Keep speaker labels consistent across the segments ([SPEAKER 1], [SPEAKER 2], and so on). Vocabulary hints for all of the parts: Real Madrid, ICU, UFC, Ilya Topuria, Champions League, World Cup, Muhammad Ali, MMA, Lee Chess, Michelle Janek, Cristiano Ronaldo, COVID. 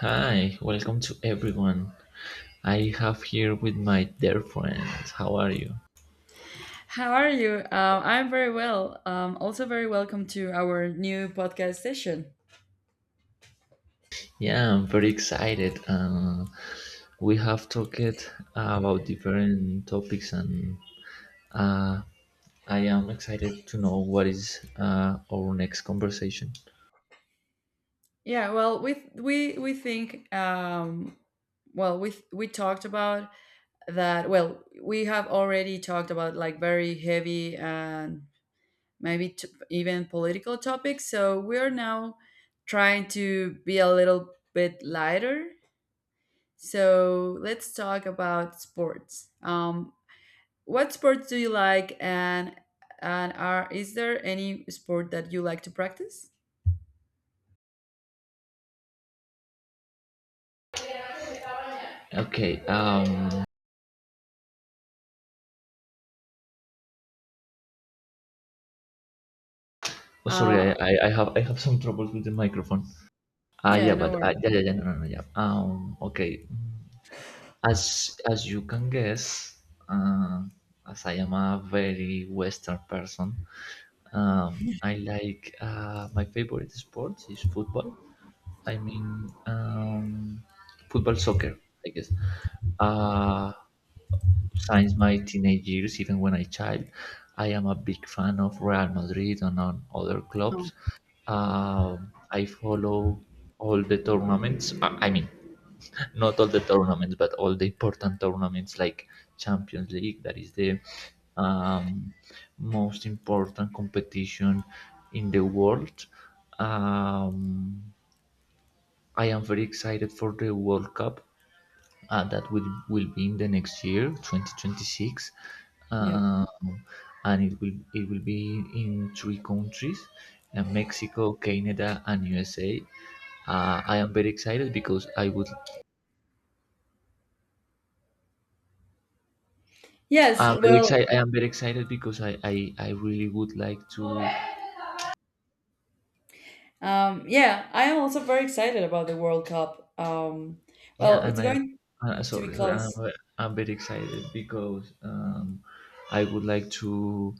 [SPEAKER 1] Hi, welcome to everyone. I have here with my dear friends. How are you?
[SPEAKER 2] How are you? I'm very well. Also, very welcome to our new podcast session.
[SPEAKER 1] Yeah, I'm very excited. We have talked about different topics, and uh, I am excited to know what is our next conversation.
[SPEAKER 2] Well, we think well we talked about that. Well, we have already talked about like very heavy and maybe even political topics. So we are now trying to be a little bit lighter. So let's talk about sports. What sports do you like, and are is there any sport that you like to practice?
[SPEAKER 1] Okay. Oh, sorry.
[SPEAKER 2] Uh,
[SPEAKER 1] I have some troubles with the microphone. Ah,
[SPEAKER 2] yeah,
[SPEAKER 1] yeah,
[SPEAKER 2] no
[SPEAKER 1] but
[SPEAKER 2] worries.
[SPEAKER 1] yeah, yeah, yeah, no, no, no, yeah. Okay. As you can guess, uh, as I am a very Western person, I like my favorite sport is football. I mean, um, Football soccer, I guess. Uh, since my teenage years, even when I child, I am a big fan of Real Madrid and on other clubs.
[SPEAKER 2] Oh,
[SPEAKER 1] I follow all the tournaments. I mean, not all the tournaments, but all the important tournaments like Champions League, that is the um, most important competition in the world. Um, I am very excited for the World Cup that will be in the next year, 2026.
[SPEAKER 2] yeah.
[SPEAKER 1] Um, and it will be in three countries, Mexico, Canada, and USA. I am very excited because
[SPEAKER 2] Yes,
[SPEAKER 1] I'm very
[SPEAKER 2] well,
[SPEAKER 1] excited. I am very excited because I really would like to.
[SPEAKER 2] yeah, I am also very excited about the World Cup.
[SPEAKER 1] Yeah,
[SPEAKER 2] Well,
[SPEAKER 1] and
[SPEAKER 2] it's
[SPEAKER 1] I,
[SPEAKER 2] going to be
[SPEAKER 1] sorry, sorry, I'm,
[SPEAKER 2] close.
[SPEAKER 1] ve- I'm very excited because I would like to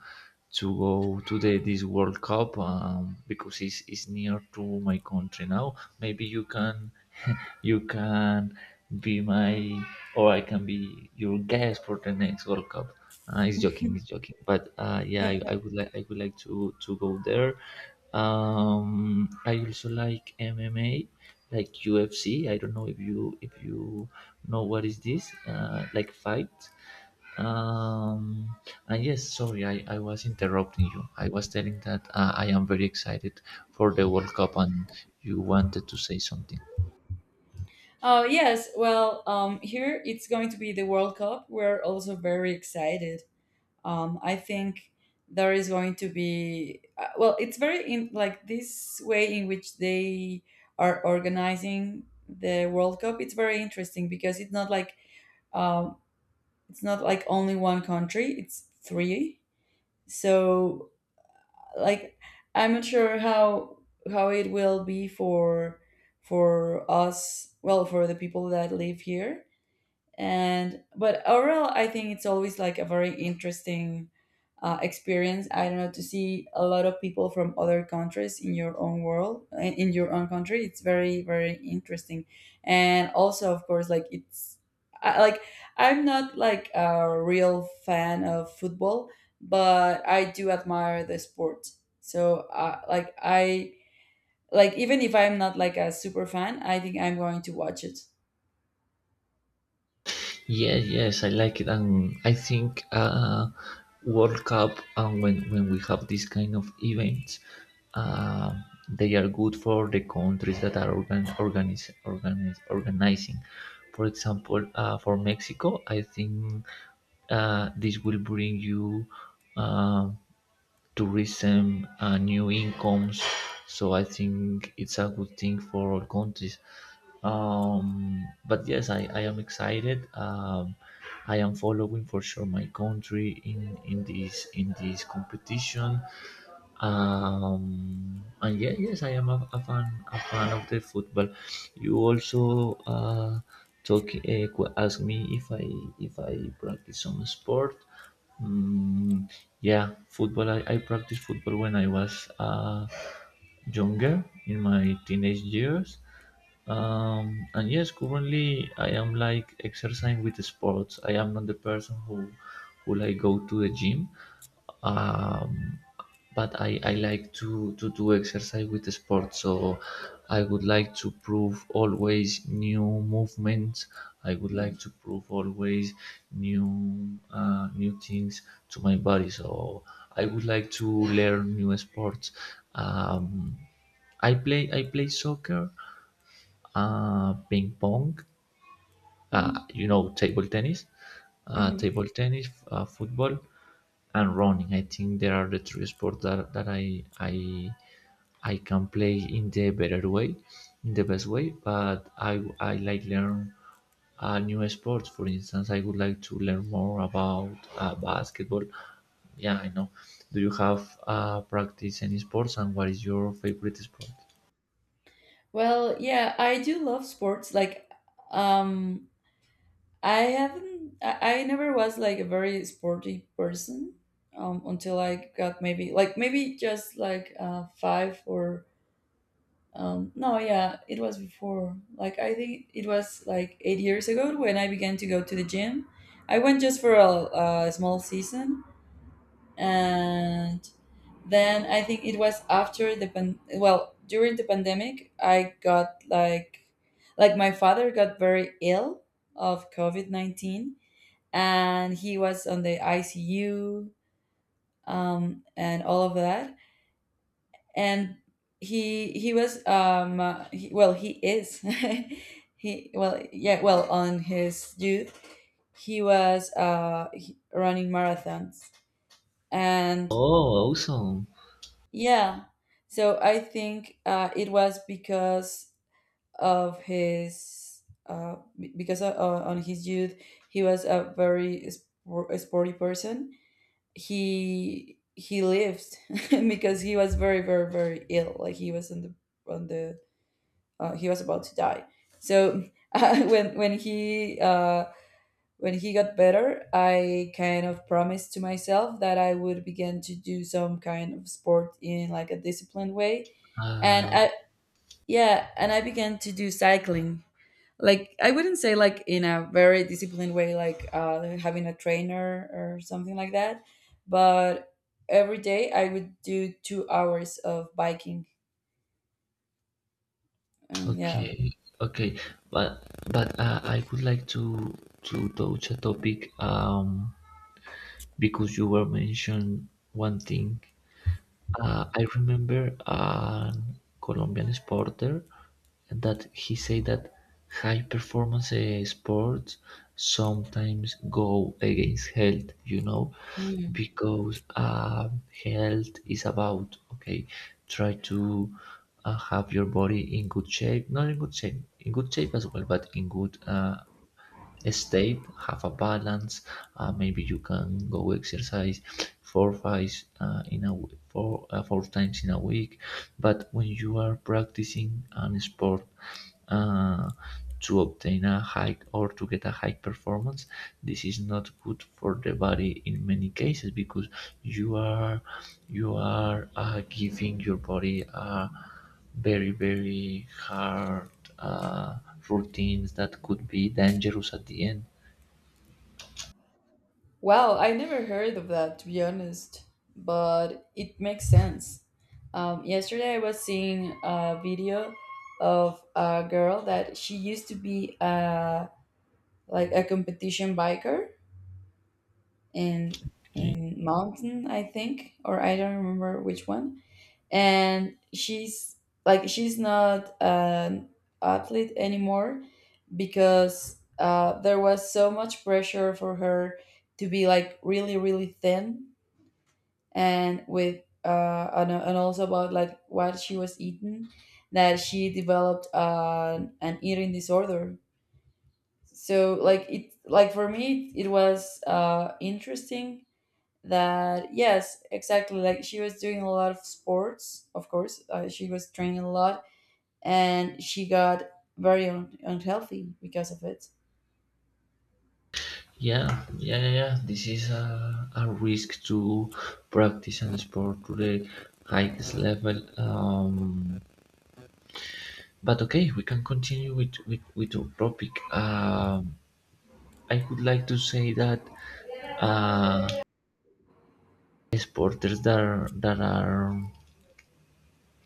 [SPEAKER 1] go to the this World Cup because it's near to my country now. Maybe you can you can be my, or I can be your guest for the next World Cup. It's joking, it's joking. But yeah, I would like to go there. I also like MMA like UFC. I don't know if you know what is this like fight. Um, and yes, sorry, I was interrupting you. I was telling that I am very excited for the World Cup, and you wanted to say something.
[SPEAKER 2] Oh, yes. Well, here it's going to be the World Cup. We're also very excited. Um, I think there is going to be well, it's very in like this way in which they are organizing the World Cup. It's very interesting because um, it's not like only one country, it's three. So like, I'm not sure how it will be for us well, for the people that live here. And but overall, I think it's always like a very interesting experience, I don't know, to see a lot of people from other countries in your own world, in your own country. It's very very interesting. And also, of course, like I, like I'm not like a real fan of football, but I do admire the sport. So like I like even if I'm not like a super fan, I think I'm going to watch it.
[SPEAKER 1] Yes, yes, I like it, and I think World Cup and when we have this kind of events, uh, they are good for the countries that are organizing. For example, for Mexico, I think this will bring you um tourism and new incomes. So I think it's a good thing for all countries. But yes, I am excited. I am following for sure my country in this competition. And yeah, yes, I am a fan of the football. You also ask me if I practice some sport. Mm, yeah, football. I practiced football when I was younger, in my teenage years, and yes, currently I am like exercising with sports. I am not the person who like go to the gym, um, but I like to do exercise with the sport. So I would like to prove always new movements. I would
[SPEAKER 2] Mm.
[SPEAKER 1] like to prove always new things to my body. So I would like to learn new sports. um, I play soccer, ping pong,
[SPEAKER 2] Mm.
[SPEAKER 1] you know, table tennis,
[SPEAKER 2] Mhm.
[SPEAKER 1] football, and running. I think there are the three sports that, I can play in the better way, in the best way. But I like learn new sports. For instance, I would like to learn more about basketball. Yeah, I know. Do you have practice any sports, and what is your favorite sport?
[SPEAKER 2] Well, yeah, I do love sports. Like, um, I haven't. I never was like a very sporty person until I got maybe like maybe just like five or no, yeah, it was before. Like I think it was like 8 years ago when I began to go to the gym. I went just for a small season, and then I think it was after well, during the pandemic, I got like my father got very ill of COVID 19, and he was on the ICU, and all of that. And he was well, he is he well yeah well on his youth, he was running marathons. And
[SPEAKER 1] Oh, awesome!
[SPEAKER 2] yeah, so I think it was because of his because of, on his youth he was a very sporty person. He lived because he was very ill. Like, he was on the on the he was about to die. So uh, when when he uh, when he got better, I kind of promised to myself that I would begin to do some kind of sport in like a disciplined way. And
[SPEAKER 1] Uh,
[SPEAKER 2] I Yeah, and I began to do cycling. Like, I wouldn't say like in a very disciplined way, like having a trainer or something like that, but every day I would do 2 hours of biking. And yeah.
[SPEAKER 1] Okay, okay, but I would like to touch a topic, because you were mentioned one thing. I remember a Colombian sporter that he said that high performance sports sometimes go against health, you know,
[SPEAKER 2] Mm.
[SPEAKER 1] because health is about, okay, try to have your body in good shape, not in good shape, in good shape as well, but in good state, have a balance. Maybe you can go exercise 4 5, in a w- four four times in a week. But when you are practicing an sport uh, to obtain a high, or to get a high performance, this is not good for the body in many cases, because you are giving your body a very very hard uh, routines that could be dangerous at the end.
[SPEAKER 2] Wow, I never heard of that, to be honest, but it makes sense. Um, yesterday I was seeing a video of a girl that she used to be a competition biker in mountain, I think, or I don't remember which one. And she's she's not an athlete anymore because there was so much pressure for her to be like really thin, and with and also about like what she was eating, that she developed an eating disorder. So like it like for me it was interesting that, yes, exactly like she was doing a lot of sports. Of course, she was training a lot, and she got very unhealthy because of it.
[SPEAKER 1] yeah yeah. This is a risk to practice and sport to the highest level. But okay, we can continue with with our topic. I would like to say that uh, sporters that are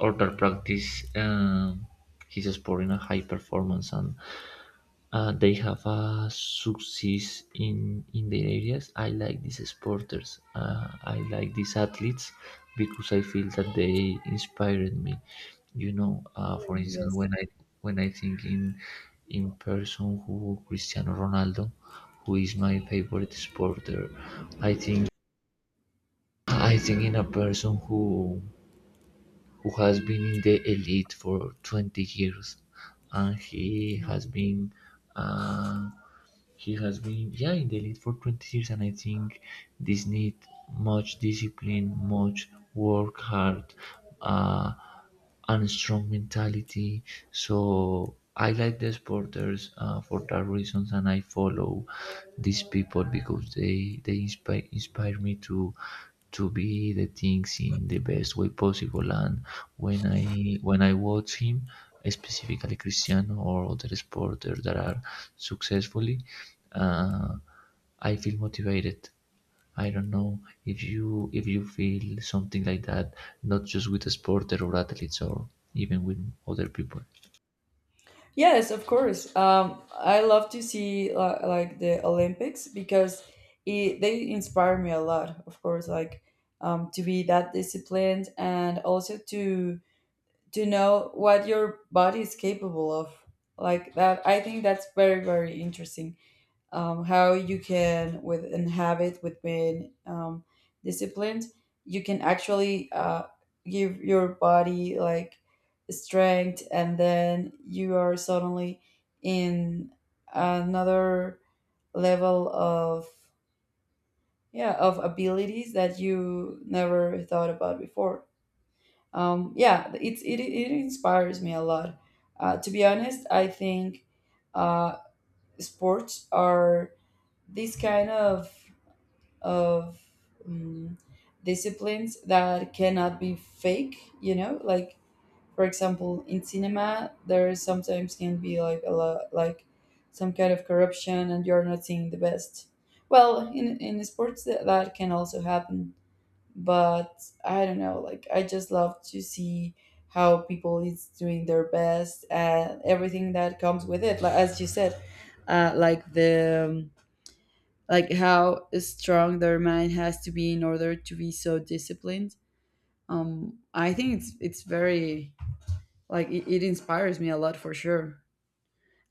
[SPEAKER 1] or that practice um, his sport in a high performance, and they have a success in their areas. I like these sporters. I like these athletes because I feel that they inspired me. You know, for instance,
[SPEAKER 2] Yes,
[SPEAKER 1] when I think in person who Cristiano Ronaldo, who is my favorite sporter, I think I think in a person who has been in the elite for 20 years, and he has been uh, yeah, in the lead for 20 years, and I think this need much discipline, much work hard, uh, and strong mentality. So I like the sporters for that reasons, and I follow these people because they inspire inspire me to be the things in the best way possible. And when I watch him, specifically Cristiano or other sporters that are successfully, uh, I feel motivated. I don't know if you feel something like that, not just with a sporter or athletes, or even with other people.
[SPEAKER 2] yes, of course. Um, I love to see, like, the Olympics because they inspire me a lot. Of course, like, um, to be that disciplined, and also to know what your body is capable of. Like that, I think, that's very very interesting. Um, how you can with and have with being, disciplined, you can actually give your body like strength, and then you are suddenly in another level of, yeah, of abilities that you never thought about before. Um, yeah, it inspires me a lot. Uh, to be honest, I think uh, sports are this kind of of um, disciplines that cannot be fake, you know? Like, for example, in cinema there sometimes can be like a lot like some kind of corruption, and you're not seeing the best. Well, in sports that can also happen, but I don't know, like I just love to see how people is doing their best, and everything that comes with it, like, as you said, uh, like the Um, like how strong their mind has to be in order to be so disciplined. I think it's very like it inspires me a lot for sure.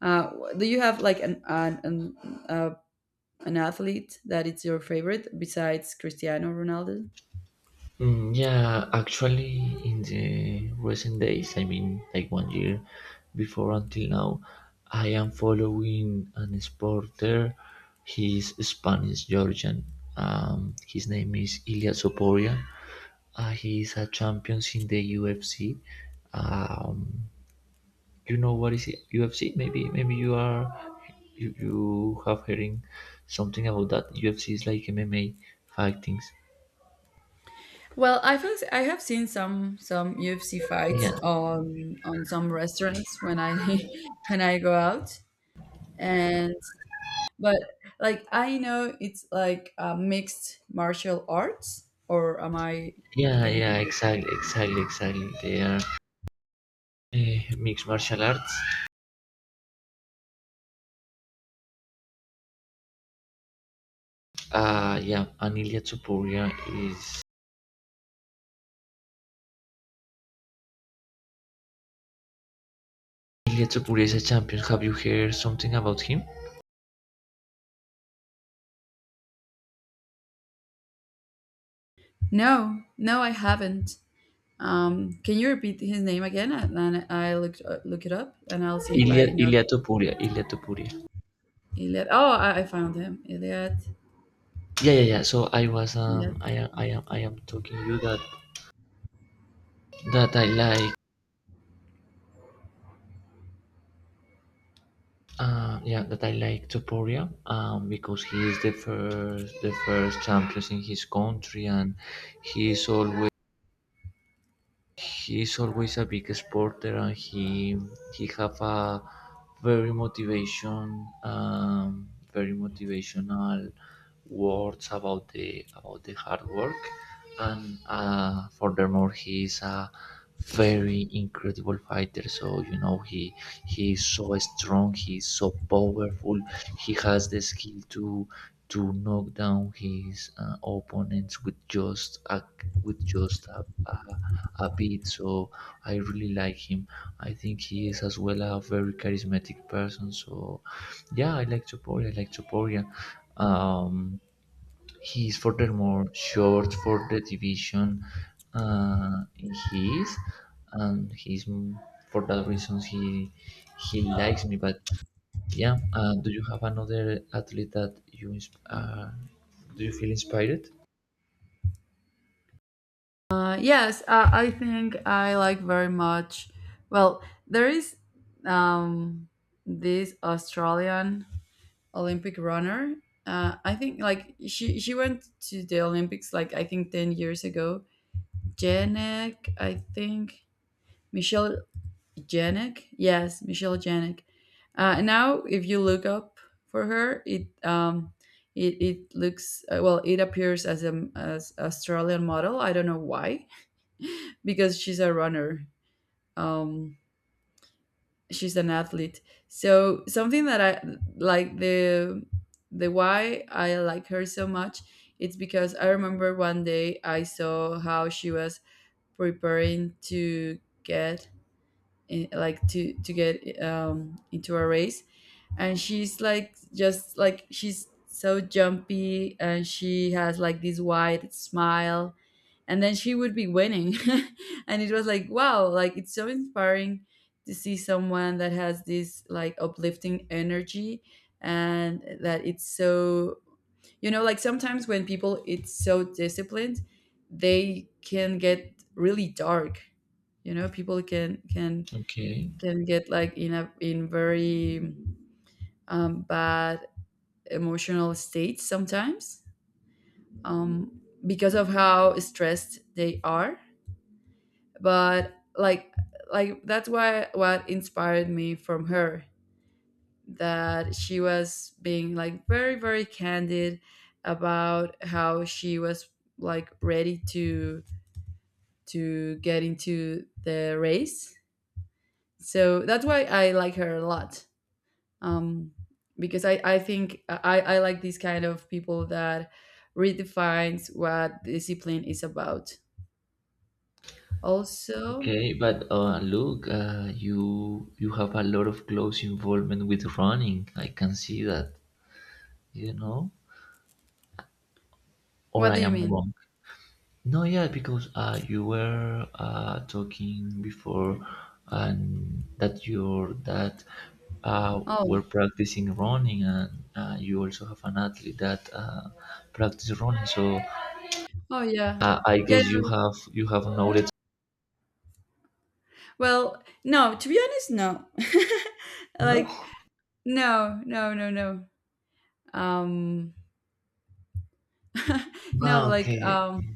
[SPEAKER 2] Uh, do you have like uh, an athlete that it's your favorite besides Cristiano Ronaldo?
[SPEAKER 1] Mm, yeah, actually, in the recent days, I mean, like one year before until now, I am following an sporter. He's Spanish Georgian. His name is Ilya Soporia. He's a champion in the UFC. Um, you know what is it? UFC? Maybe, maybe you are you have hearing something about that. UFC is like MMA fightings.
[SPEAKER 2] Well, I have seen some UFC fights
[SPEAKER 1] Yeah,
[SPEAKER 2] on some restaurants when I when I go out. And but like I know it's like mixed martial arts, or am I
[SPEAKER 1] Yeah,
[SPEAKER 2] getting
[SPEAKER 1] yeah,
[SPEAKER 2] confused?
[SPEAKER 1] exactly, exactly, exactly. They are mixed martial arts. Yeah, and is Ilya Topuria is a champion. Have you heard something about him?
[SPEAKER 2] No, no, I haven't. Can you repeat his name again? And then I look, look it up, and I'll see if I know.
[SPEAKER 1] Ilya Topuria, Ilya Topuria.
[SPEAKER 2] Iliad. Oh, I found him, Iliad.
[SPEAKER 1] Yeah, yeah, yeah. So I was I am talking you that I like. Yeah, that I like Topuria. Because he is the first champion in his country, and he is always, he's always a big sporter, and he have a very motivation, um, very motivational words about the hard work, and furthermore he is a very incredible fighter. So you know, he is so strong, he is so powerful, he has the skill to to knock down his opponents with just a, with just a, a bit. So I really like him. I think he is as well a very charismatic person. So yeah, I like Toporia. I like Toporia. Um, he is furthermore short for the division. Uh, he is, and he's m- For that reason he likes me. But yeah, do you have another athlete that do you feel inspired?
[SPEAKER 2] Yes, I think I like very much. Well, there is um, this Australian Olympic runner. I think like she went to the Olympics like I think 10 years ago. Janek, I think, Michelle Janek. Yes, Michelle Janek. Now, if you look up for her, it looks, well, it appears as a as Australian model. I don't know why, because she's a runner. Um, she's an athlete. So something that I like, the why I like her so much, it's because I remember one day I saw how she was preparing to get, to get, into a race. And she's like just like she's so jumpy, and she has like this wide smile, and then she would be winning. And it was like, wow, like, it's so inspiring to see someone that has this like uplifting energy, and that it's so, you know, like sometimes when people it's so disciplined, they can get really dark. You know, people
[SPEAKER 1] Okay.
[SPEAKER 2] can get like in a in very bad emotional states sometimes, because of how stressed they are. But that's why what inspired me from her, that she was being like very very candid about how she was like ready to get into the race. So that's why I like her a lot. Um, because I think I like these kind of people that redefines what discipline is about. Also,
[SPEAKER 1] Okay, but look, you you have a lot of close involvement with running. I can see that, you know, or
[SPEAKER 2] what
[SPEAKER 1] I
[SPEAKER 2] do you
[SPEAKER 1] am
[SPEAKER 2] mean?
[SPEAKER 1] wrong. No, yeah, because you were talking before, and that your dad
[SPEAKER 2] Oh,
[SPEAKER 1] were practicing running, and you also have an athlete that practice running. So
[SPEAKER 2] oh, yeah,
[SPEAKER 1] I
[SPEAKER 2] yeah.
[SPEAKER 1] guess you have
[SPEAKER 2] Yeah.
[SPEAKER 1] knowledge.
[SPEAKER 2] Well, no, to be honest, no. Like,
[SPEAKER 1] No.
[SPEAKER 2] no, no, no, no. Um, no,
[SPEAKER 1] Ah,
[SPEAKER 2] like,
[SPEAKER 1] okay.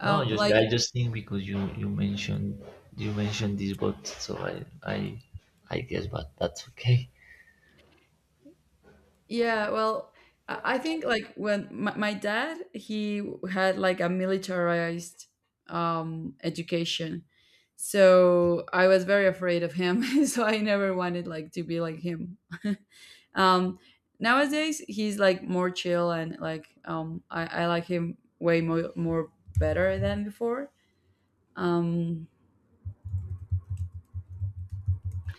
[SPEAKER 1] No, just I
[SPEAKER 2] like.
[SPEAKER 1] just think because you mentioned this, but I guess, but that's okay.
[SPEAKER 2] Yeah, well, I think like when my dad, he had like a militarized, education. So I was very afraid of him. So I never wanted like to be like him. Um, nowadays he's like more chill, and like, I like him way more, more better than before. Um,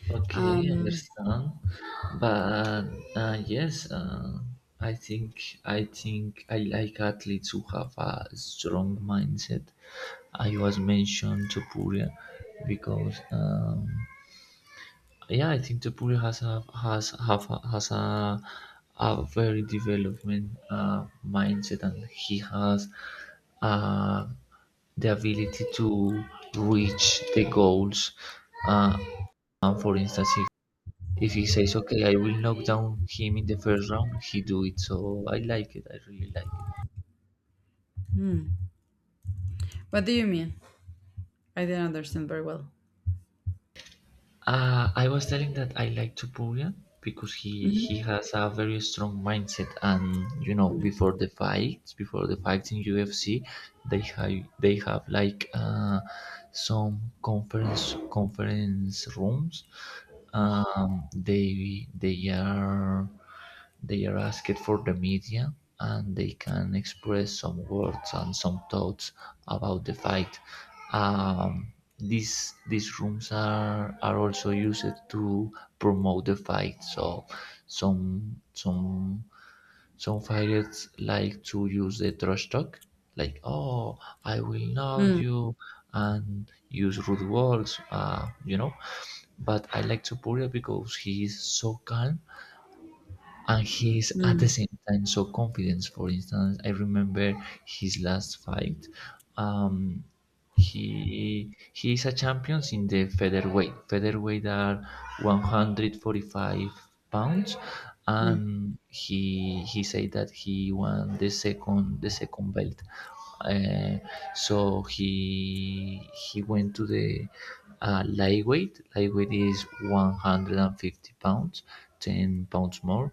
[SPEAKER 1] Okay,
[SPEAKER 2] um,
[SPEAKER 1] understand. But yes, I think I like athletes who have a strong mindset. I was mentioned to Puria because. Yeah, I think the has a very development mindset, and he has uh, the ability to reach the goals. Uh, and for instance, if he says, "Okay, I will knock down him in the first round," he do it. So I like it. I really like it.
[SPEAKER 2] hmm. What do you mean? I didn't understand very well.
[SPEAKER 1] I was telling that I like Tupurian because he
[SPEAKER 2] Mhm.
[SPEAKER 1] has a very strong mindset, and you know, before the fights in UFC, they have they have like some conference rooms. They they are asked for the media, and they can express some words and some thoughts about the fight. Um, these rooms are also used to promote the fight. So some some some fighters like to use the trash talk, like, oh, I will knock
[SPEAKER 2] Mm,
[SPEAKER 1] you, and use rude words, you know. But I like Topuria because he is so calm, and he's at the
[SPEAKER 2] mm,
[SPEAKER 1] same time so confident. For instance, I remember his last fight. um he is a champion in the featherweight. Featherweight are 145 pounds,
[SPEAKER 2] mm,
[SPEAKER 1] and he said that he won the second, the second belt. uh, so he went to the lightweight. Lightweight is 150 pounds, 10 pounds more.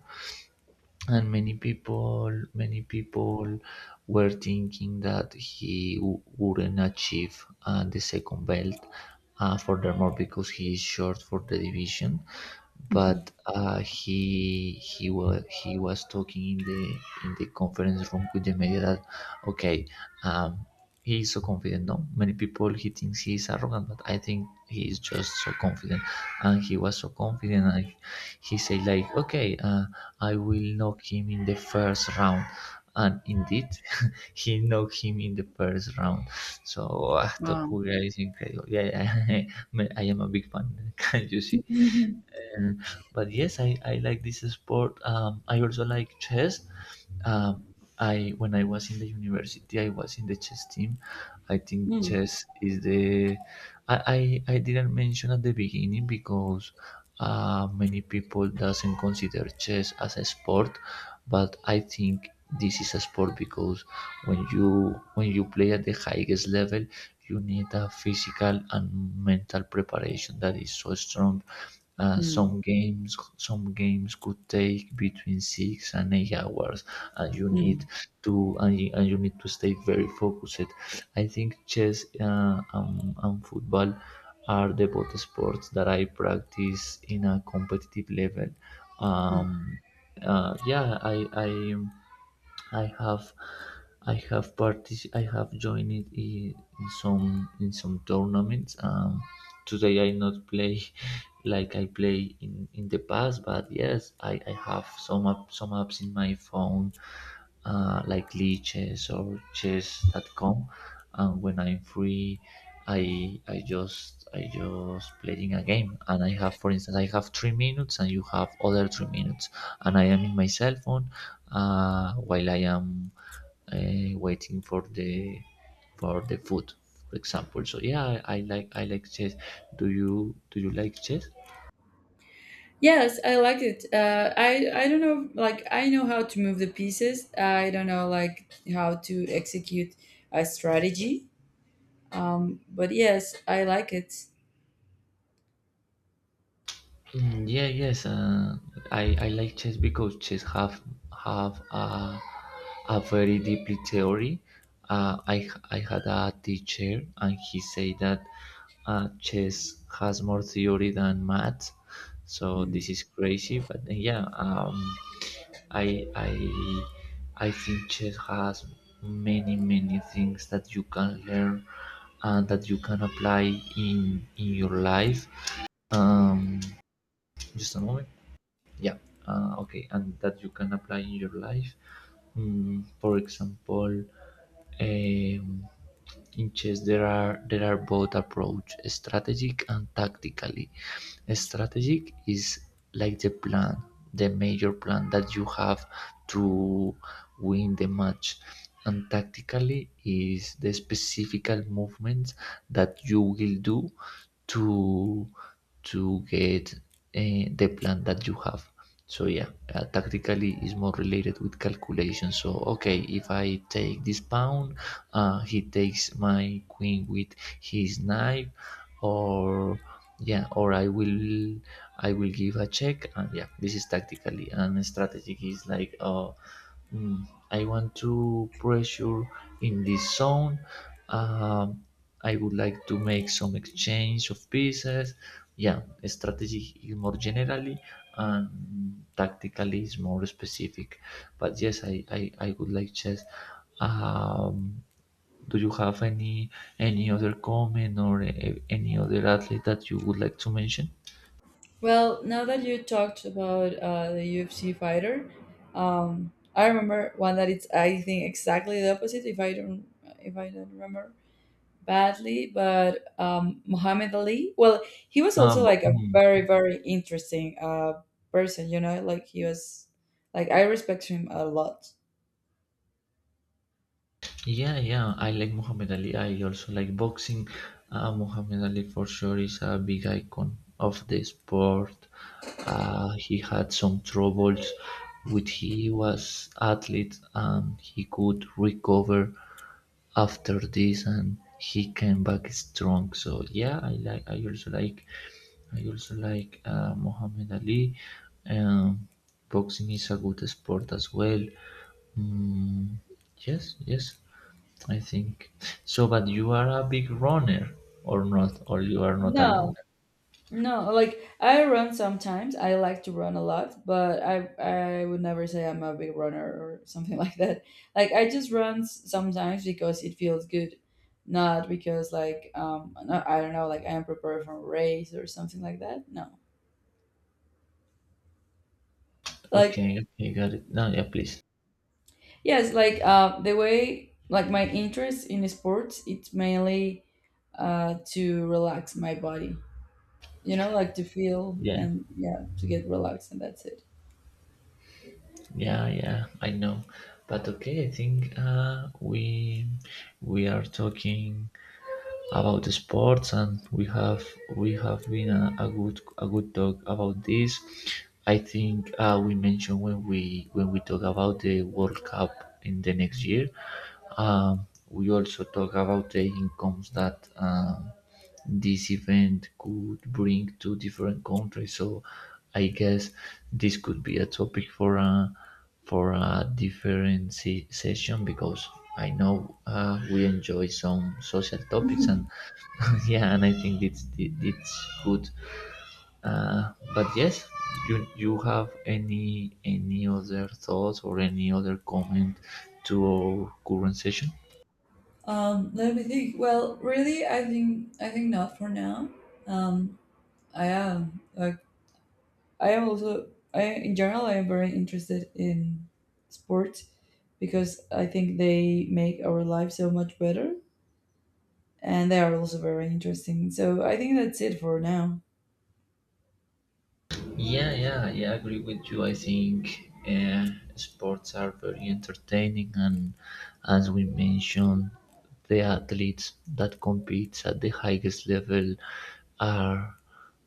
[SPEAKER 1] And many people were thinking that wouldn't achieve the second belt, furthermore because he is short for the division. But
[SPEAKER 2] mhm.
[SPEAKER 1] he was talking in the, in the conference room with the media that okay. um, he is so confident. No, many people, he thinks he is arrogant, but I think he is just so confident. And he was so confident, and he said like, "Okay, I will knock him in the first round." And indeed, he knocked him in the first round. So, ah,
[SPEAKER 2] Wow.
[SPEAKER 1] Topuria is incredible. Yeah, I am a big fan, can not you see?
[SPEAKER 2] Mhm.
[SPEAKER 1] Uh, but yes, I like this sport. I also like chess. Um, I, when I was in the university, I was in the chess team. I think
[SPEAKER 2] Mm,
[SPEAKER 1] chess is the, I didn't mention at the beginning because many people doesn't consider chess as a sport, but I think this is a sport because when you play at the highest level, you need a physical and mental preparation that is so strong.
[SPEAKER 2] mm,
[SPEAKER 1] Some games, some games could take between 6 and 8 hours, and you need
[SPEAKER 2] mm,
[SPEAKER 1] to, and you need to stay very focused. I think chess and football are the both sports that I practice in a competitive level.
[SPEAKER 2] mm.
[SPEAKER 1] Um, yeah, I I have, I have I have joined in some, in some tournaments. Today I not play like I play in the past, but yes, I have some app, some apps in my phone, like Lee Chess or chess.com. And when I'm free, I just playing a game, and I have, for instance, I have 3 minutes, and you have other 3 minutes, and I am in my cell phone while I am waiting for the, for the food, for example. So yeah, I like, I like chess. Do you like chess?
[SPEAKER 2] Yes, I like it. I don't know, like I know how to move the pieces. I don't know like how to execute a strategy. But yes, I like it.
[SPEAKER 1] Mm, yeah, yes. I like chess because chess have a very deeply theory. I had a teacher and he said that chess has more theory than math. So
[SPEAKER 2] Mm.
[SPEAKER 1] this is crazy, but yeah, I I think chess has many, many things that you can learn and that you can apply in your life. Um, just a moment. Yeah. Okay, and that you can apply in your life. Mm, for example, um, in chess there are, there are both approach strategic and tactically. Strategic is like the plan, the major plan that you have to win the match, and tactically is the specific movements that you will do to to get the plan that you have. So yeah, tactically is more related with calculation. So okay, if I take this pawn, he takes my queen with his knife. Or, yeah, or I will give a check. And yeah, this is tactically, and strategic is like mm, I want to pressure in this zone. um I would like to make some exchange of pieces. Yeah, strategy is more generally and tactically is more specific. But yes, I would like chess. um do you have any other comment or any other athlete that you would like to mention?
[SPEAKER 2] Well, now that you talked about, the UFC fighter, I remember one that it's, I think, exactly the opposite. If I don't remember badly, but, Muhammad Ali, well, he was
[SPEAKER 1] Uh,
[SPEAKER 2] also
[SPEAKER 1] bu-
[SPEAKER 2] like a
[SPEAKER 1] mm,
[SPEAKER 2] very, very interesting, person, you know, like he was, like I respect him a lot.
[SPEAKER 1] yeah, yeah. I like Muhammad Ali. I also like boxing. Muhammad Ali for sure is a big icon of the sport. He had some troubles with, he was athlete and he could recover after this and he came back strong. So yeah, I like, I also like Muhammad Ali. Um, Boxing is a good sport as well. Mm, yes, yes, I think so. But you are a big runner, or not, or you are not a
[SPEAKER 2] No,
[SPEAKER 1] runner.
[SPEAKER 2] no, like I run sometimes. I like to run a lot, but I would never say I'm a big runner or something like that. Like I just run sometimes because it feels good, not because like, um, no, I don't know, like I am prepared for a race or something like that. No.
[SPEAKER 1] Okay,
[SPEAKER 2] Like.
[SPEAKER 1] okay, got it. No, yeah, please.
[SPEAKER 2] Yes, like, the way, like my interest in sports, it's mainly, to relax my body, you know, like to feel,
[SPEAKER 1] Yeah,
[SPEAKER 2] and yeah, to get relaxed, and that's it.
[SPEAKER 1] yeah, yeah. I know, but okay. I think we are talking about the sports and we have been a good, a good talk about this. I think we mentioned when we talk about the World Cup in the next year. We also talk about the incomes that this event could bring to different countries. So I guess this could be a topic for a, for a different session because I know we enjoy some social topics, and yeah, and I think it's good. But yes, you have any other thoughts or any other comment to our current session?
[SPEAKER 2] Let me think. Well, really, I think not for now. Um, I am like I am also I in general I am very interested in sports because I think they make our life so much better, and they are also very interesting. So I think that's it for now.
[SPEAKER 1] Yeah, yeah, yeah, I agree with you. I think sports are very entertaining, and as we mentioned, the athletes that compete at the highest level are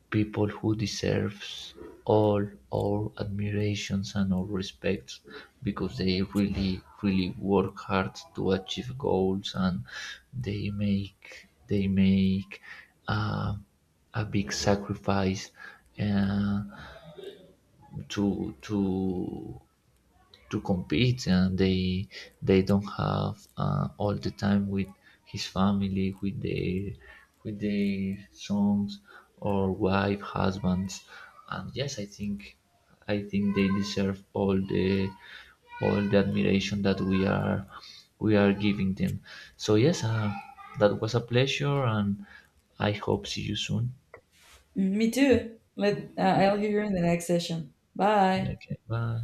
[SPEAKER 1] people who deserves all our admirations and our respects because they really, really work hard to achieve goals, and they make uh, a big sacrifice uh, to, to compete. And they don't have all the time with his family, with their, with their sons or wife, husbands. And yes, I think, I think they deserve all the, all the admiration that we are, we are giving them. So yes, that was a pleasure, and I hope see you soon.
[SPEAKER 2] Me too. Let, I'll hear you in the next session. Bye.
[SPEAKER 1] Okay, bye.